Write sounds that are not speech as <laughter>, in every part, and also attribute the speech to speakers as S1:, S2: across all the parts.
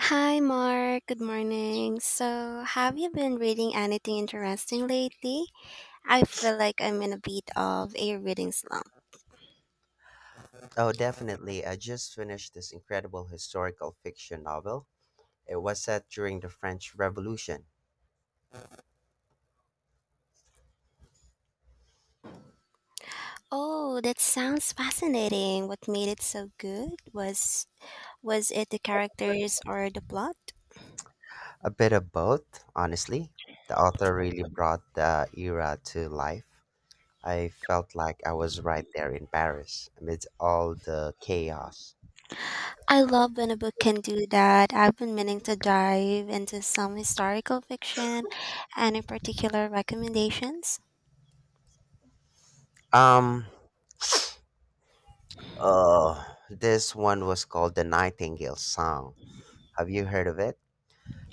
S1: Hi, Mark. Good morning. So, have you been reading anything interesting lately? I feel like I'm in a bit of a reading slump.
S2: Oh, definitely. I just finished this incredible historical fiction novel. It was set during the French Revolution.
S1: Oh, that sounds fascinating. What made it so good was it the characters or the plot?
S2: A bit of both, honestly. The author really brought the era to life. I felt like I was right there in Paris amidst all the chaos.
S1: I love when a book can do that. I've been meaning to dive into some historical fiction. Any particular recommendations?
S2: Um, oh, this one was called The Nightingale Song. Have you heard of it?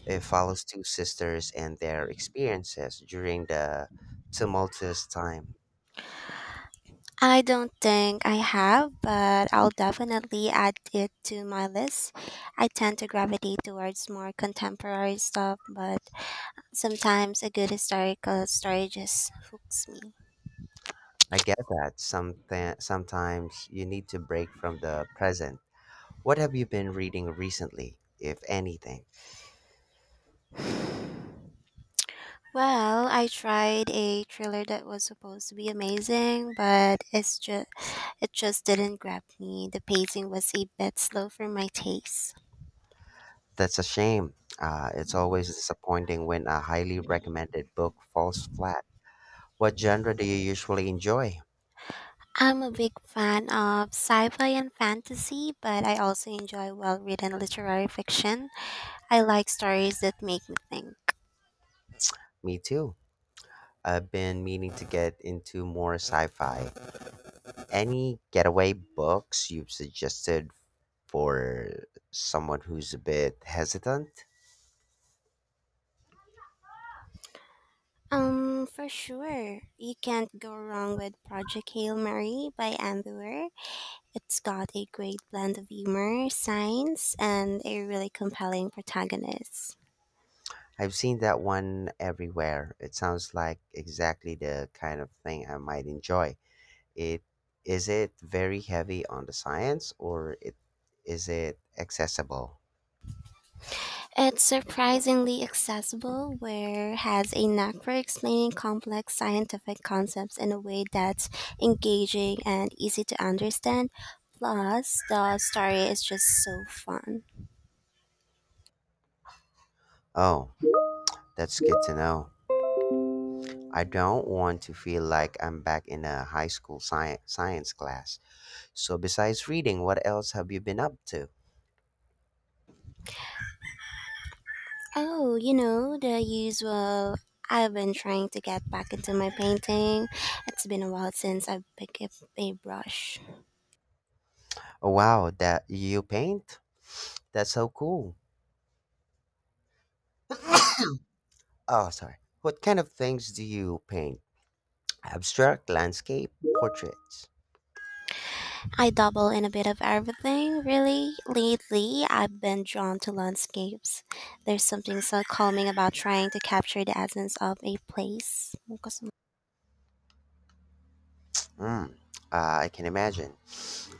S2: It follows two sisters and their experiences during the tumultuous time.
S1: I don't think I have, but I'll definitely add it to my list. I tend to gravitate towards more contemporary stuff, but sometimes a good historical story just hooks me.
S2: I get that. Something sometimes you need to break from the present. What have you been reading recently, if anything?
S1: Well, I tried a thriller that was supposed to be amazing, but it just didn't grab me. The pacing was a bit slow for my taste.
S2: That's a shame. It's always disappointing when a highly recommended book falls flat. What genre do you usually enjoy?
S1: I'm a big fan of sci-fi and fantasy, but I also enjoy well-written literary fiction. I like stories that make me think.
S2: Me too. I've been meaning to get into more sci fi. Any getaway books you've suggested for someone who's a bit hesitant.
S1: For sure. You can't go wrong with Project Hail Mary by Ambivert. It's got a great blend of humor, science, and a really compelling protagonist.
S2: I've seen that one everywhere. It sounds like exactly the kind of thing I might enjoy. It is it very heavy on the science or it is it accessible?
S1: It's surprisingly accessible, where has a knack for explaining complex scientific concepts in a way that's engaging and easy to understand. Plus, the story is just so fun.
S2: Oh, that's good to know. I don't want to feel like I'm back in a high school science class. So besides reading, what else have you been up to?
S1: Oh, the usual. I've been trying to get back into my painting. It's been a while since I've picked up a brush.
S2: Oh wow, that you paint? That's so cool. Oh, sorry. What kind of things do you paint? Abstract, landscape, portraits.
S1: I dabble in a bit of everything, really. Lately, I've been drawn to landscapes. There's something so calming about trying to capture the essence of a place.
S2: Mm, uh, I can imagine.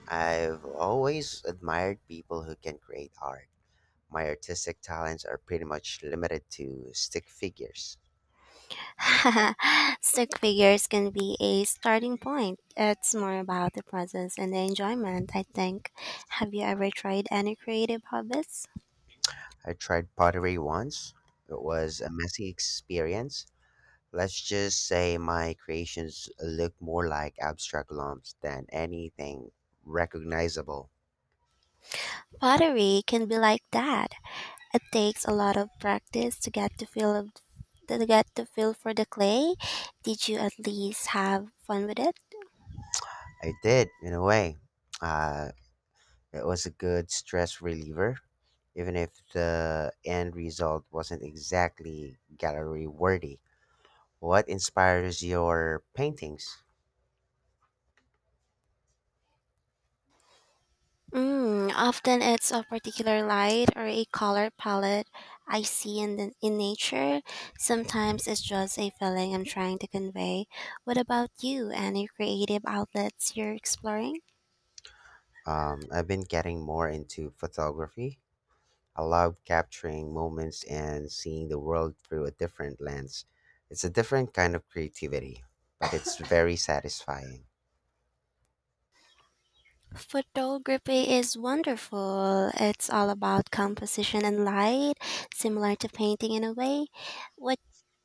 S2: I've always admired people who can create art. My artistic talents are pretty much limited to stick figures.
S1: <laughs> Stick figures can be a starting point. It's more about the presence and the enjoyment, I think. Have you ever tried any creative hobbies?
S2: I tried pottery once. It was a messy experience. Let's just say my creations look more like abstract lumps than anything recognizable.
S1: Pottery can be like that. It takes a lot of practice to get the feel for the clay. Did you at least have fun with it?
S2: I did, in a way. Uh, It was a good stress reliever, even if the end result wasn't exactly gallery worthy. What inspires your paintings?
S1: Mm, often it's a particular light or a color palette I see in nature. Sometimes it's just a feeling I'm trying to convey. What about you? Any creative outlets you're exploring?
S2: I've been getting more into photography. I love capturing moments and seeing the world through a different lens. It's a different kind of creativity, but it's <laughs> very satisfying.
S1: Photography is wonderful. It's all about composition and light, similar to painting in a way. What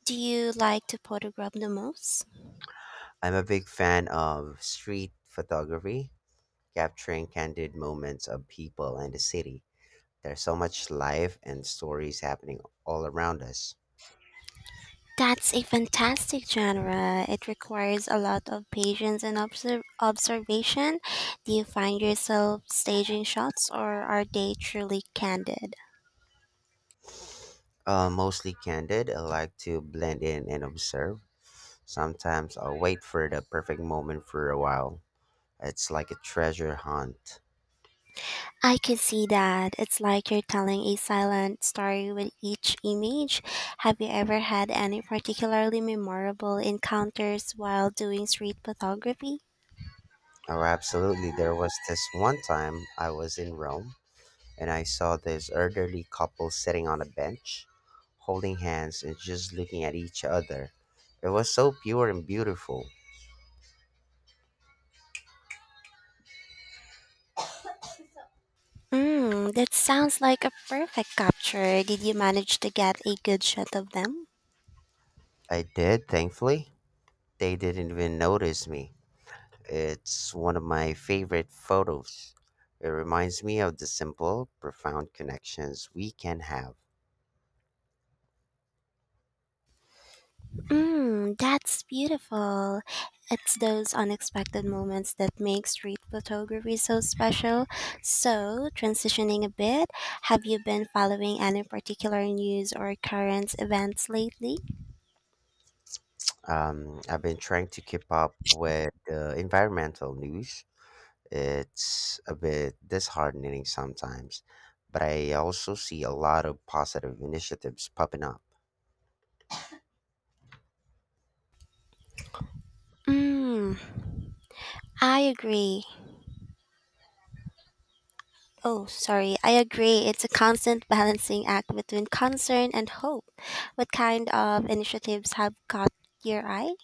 S1: do you like to photograph the most?
S2: I'm a big fan of street photography, capturing candid moments of people and the city. There's so much life and stories happening all around us.
S1: That's a fantastic genre. It requires a lot of patience and observation. Do you find yourself staging shots or are they truly candid?
S2: Mostly candid, I like to blend in and observe. Sometimes I'll wait for the perfect moment for a while. It's like a treasure hunt.
S1: I can see that. It's like you're telling a silent story with each image. Have you ever had any particularly memorable encounters while doing street photography?
S2: Oh, absolutely. There was this one time I was in Rome and I saw this elderly couple sitting on a bench, holding hands and just looking at each other. It was so pure and beautiful.
S1: Mm, that sounds like a perfect capture. Did you manage to get a good shot of them?
S2: I did, thankfully. They didn't even notice me. It's one of my favorite photos. It reminds me of the simple, profound connections we can have.
S1: Mm, that's beautiful. It's those unexpected moments that make street photography so special. So, transitioning a bit, have you been following any particular news or current events lately?
S2: I've been trying to keep up with the environmental news. It's a bit disheartening sometimes, but I also see a lot of positive initiatives popping up.
S1: Mm, I agree. Oh, sorry. I agree. It's a constant balancing act between concern and hope. What kind of initiatives have caught your eye?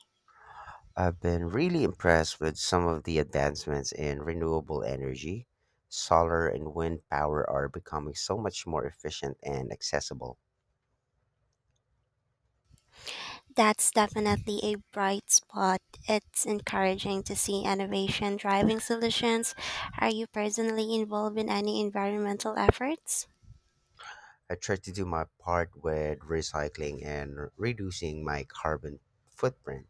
S2: I've been really impressed with some of the advancements in renewable energy. Solar and wind power are becoming so much more efficient and accessible.
S1: That's definitely a bright spot. It's encouraging to see innovation driving solutions. Are you personally involved in any environmental efforts?
S2: I try to do my part with recycling and reducing my carbon footprint.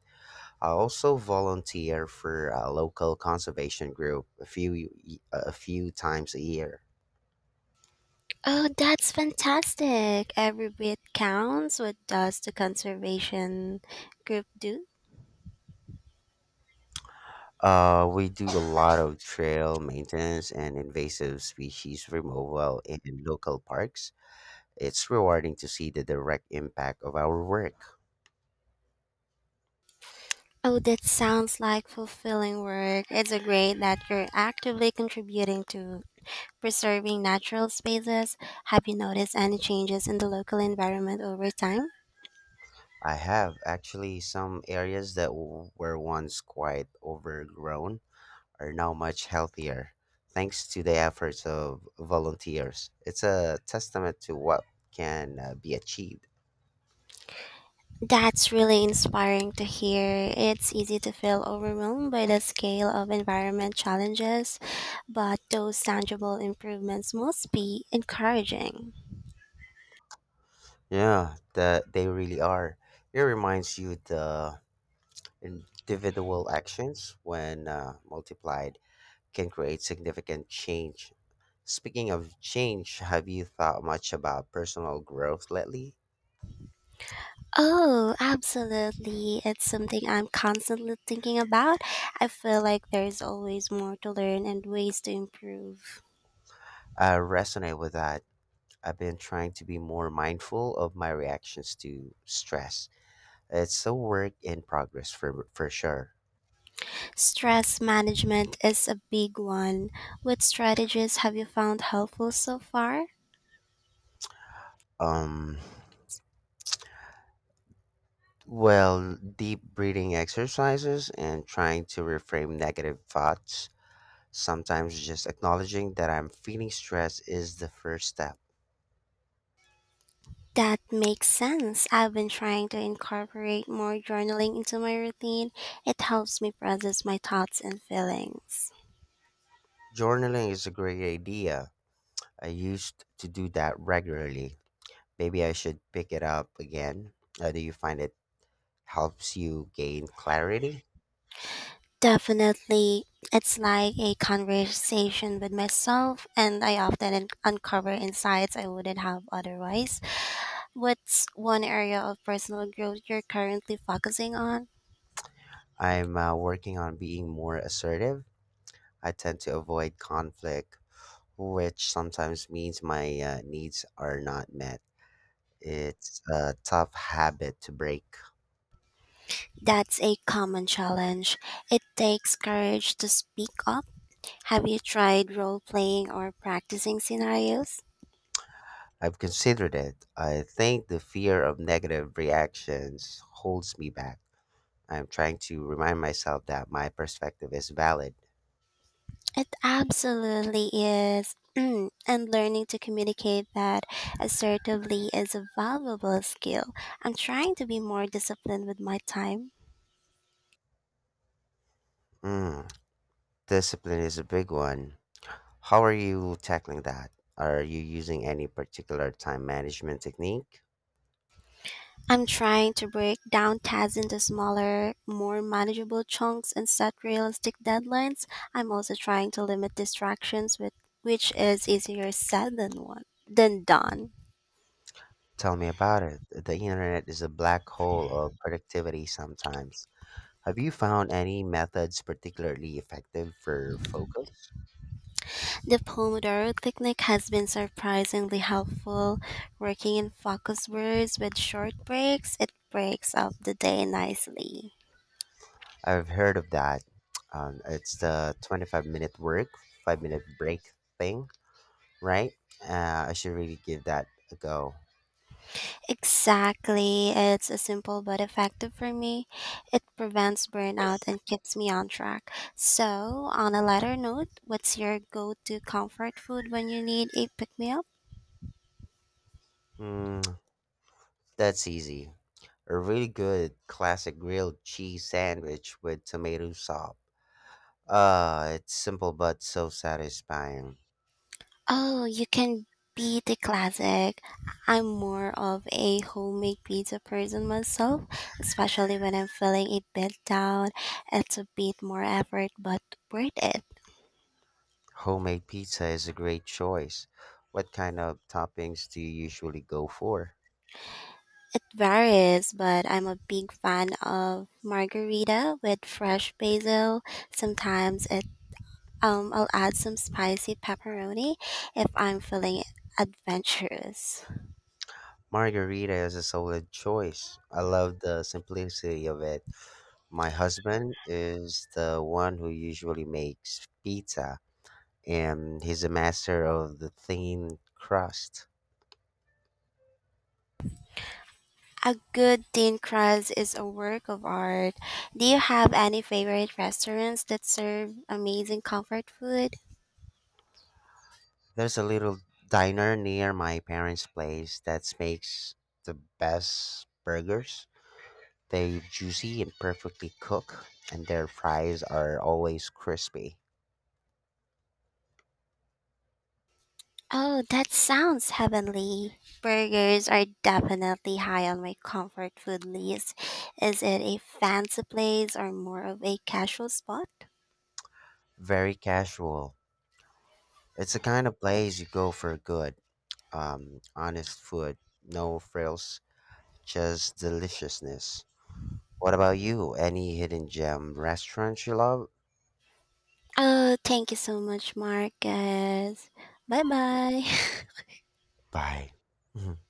S2: I also volunteer for a local conservation group a few times a year.
S1: Oh, that's fantastic. Every bit counts. What does the conservation group do?
S2: We do a lot of trail maintenance and invasive species removal in local parks. It's rewarding to see the direct impact of our work.
S1: Oh, that sounds like fulfilling work. It's a great that you're actively contributing to preserving natural spaces. Have you noticed any changes in the local environment over time?
S2: I have actually some areas that were once quite overgrown are now much healthier thanks to the efforts of volunteers. It's a testament to what can be achieved.
S1: That's really inspiring to hear. It's easy to feel overwhelmed by the scale of environment challenges, but those tangible improvements must be encouraging.
S2: Yeah, that they really are. It reminds you the individual actions when multiplied can create significant change. Speaking of change, have you thought much about personal growth lately?
S1: Oh, absolutely. It's something I'm constantly thinking about. I feel like there's always more to learn and ways to improve.
S2: I resonate with that. I've been trying to be more mindful of my reactions to stress. It's a work in progress for sure.
S1: Stress management is a big one. What strategies have you found helpful so far?
S2: Um, well, deep breathing exercises and trying to reframe negative thoughts. Sometimes just acknowledging that I'm feeling stress is the first step.
S1: That makes sense. I've been trying to incorporate more journaling into my routine. It helps me process my thoughts and feelings.
S2: Journaling is a great idea. I used to do that regularly. Maybe I should pick it up again. Do you find it helps you gain clarity?
S1: Definitely, it's like a conversation with myself, and I often uncover insights I wouldn't have otherwise. What's one area of personal growth you're currently focusing on?
S2: I'm working on being more assertive. I tend to avoid conflict, which sometimes means my needs are not met. It's a tough habit to break.
S1: That's a common challenge. It takes courage to speak up. Have you tried role playing or practicing scenarios?
S2: I've considered it. I think the fear of negative reactions holds me back. I'm trying to remind myself that my perspective is valid.
S1: It absolutely is. <clears throat> Mm, and learning to communicate that assertively is a valuable skill. I'm trying to be more disciplined with my time.
S2: Mm. Discipline is a big one. How are you tackling that? Are you using any particular time management technique?
S1: I'm trying to break down tasks into smaller, more manageable chunks and set realistic deadlines. I'm also trying to limit distractions with which is easier said than done.
S2: Tell me about it. The internet is a black hole of productivity sometimes. Have you found any methods particularly effective for focus?
S1: The Pomodoro technique has been surprisingly helpful, working in focus words with short breaks. It breaks up the day nicely.
S2: I've heard of that. It's the 25-minute work, 5 minute break thing, right? I should really give that a go.
S1: Exactly. It's a simple but effective for me. It prevents burnout and keeps me on track. So, on a lighter note, what's your go-to comfort food when you need a pick-me-up?
S2: Mm, that's easy. A really good classic grilled cheese sandwich with tomato sauce. It's simple but so satisfying.
S1: Oh, you can be the classic. I'm more of a homemade pizza person myself, especially when I'm feeling a bit down. It's a bit more effort, but worth it.
S2: Homemade pizza is a great choice. What kind of toppings do you usually go for?
S1: It varies, but I'm a big fan of margarita with fresh basil. Sometimes it I'll add some spicy pepperoni if I'm feeling adventurous.
S2: Margarita is a solid choice. I love the simplicity of it. My husband is the one who usually makes pizza, and he's a master of the thin crust.
S1: A good thin crust is a work of art. Do you have any favorite restaurants that serve amazing comfort food?
S2: There's a little diner near my parents' place that makes the best burgers. They're juicy and perfectly cooked, and their fries are always crispy.
S1: Oh, that sounds heavenly. Burgers are definitely high on my comfort food list. Is it a fancy place or more of a casual spot?
S2: Very casual. It's the kind of place you go for good, honest food, no frills, just deliciousness. What about you? Any hidden gem restaurants you love?
S1: Oh, thank you so much, Marcus. Bye bye. <laughs>
S2: Bye. <laughs>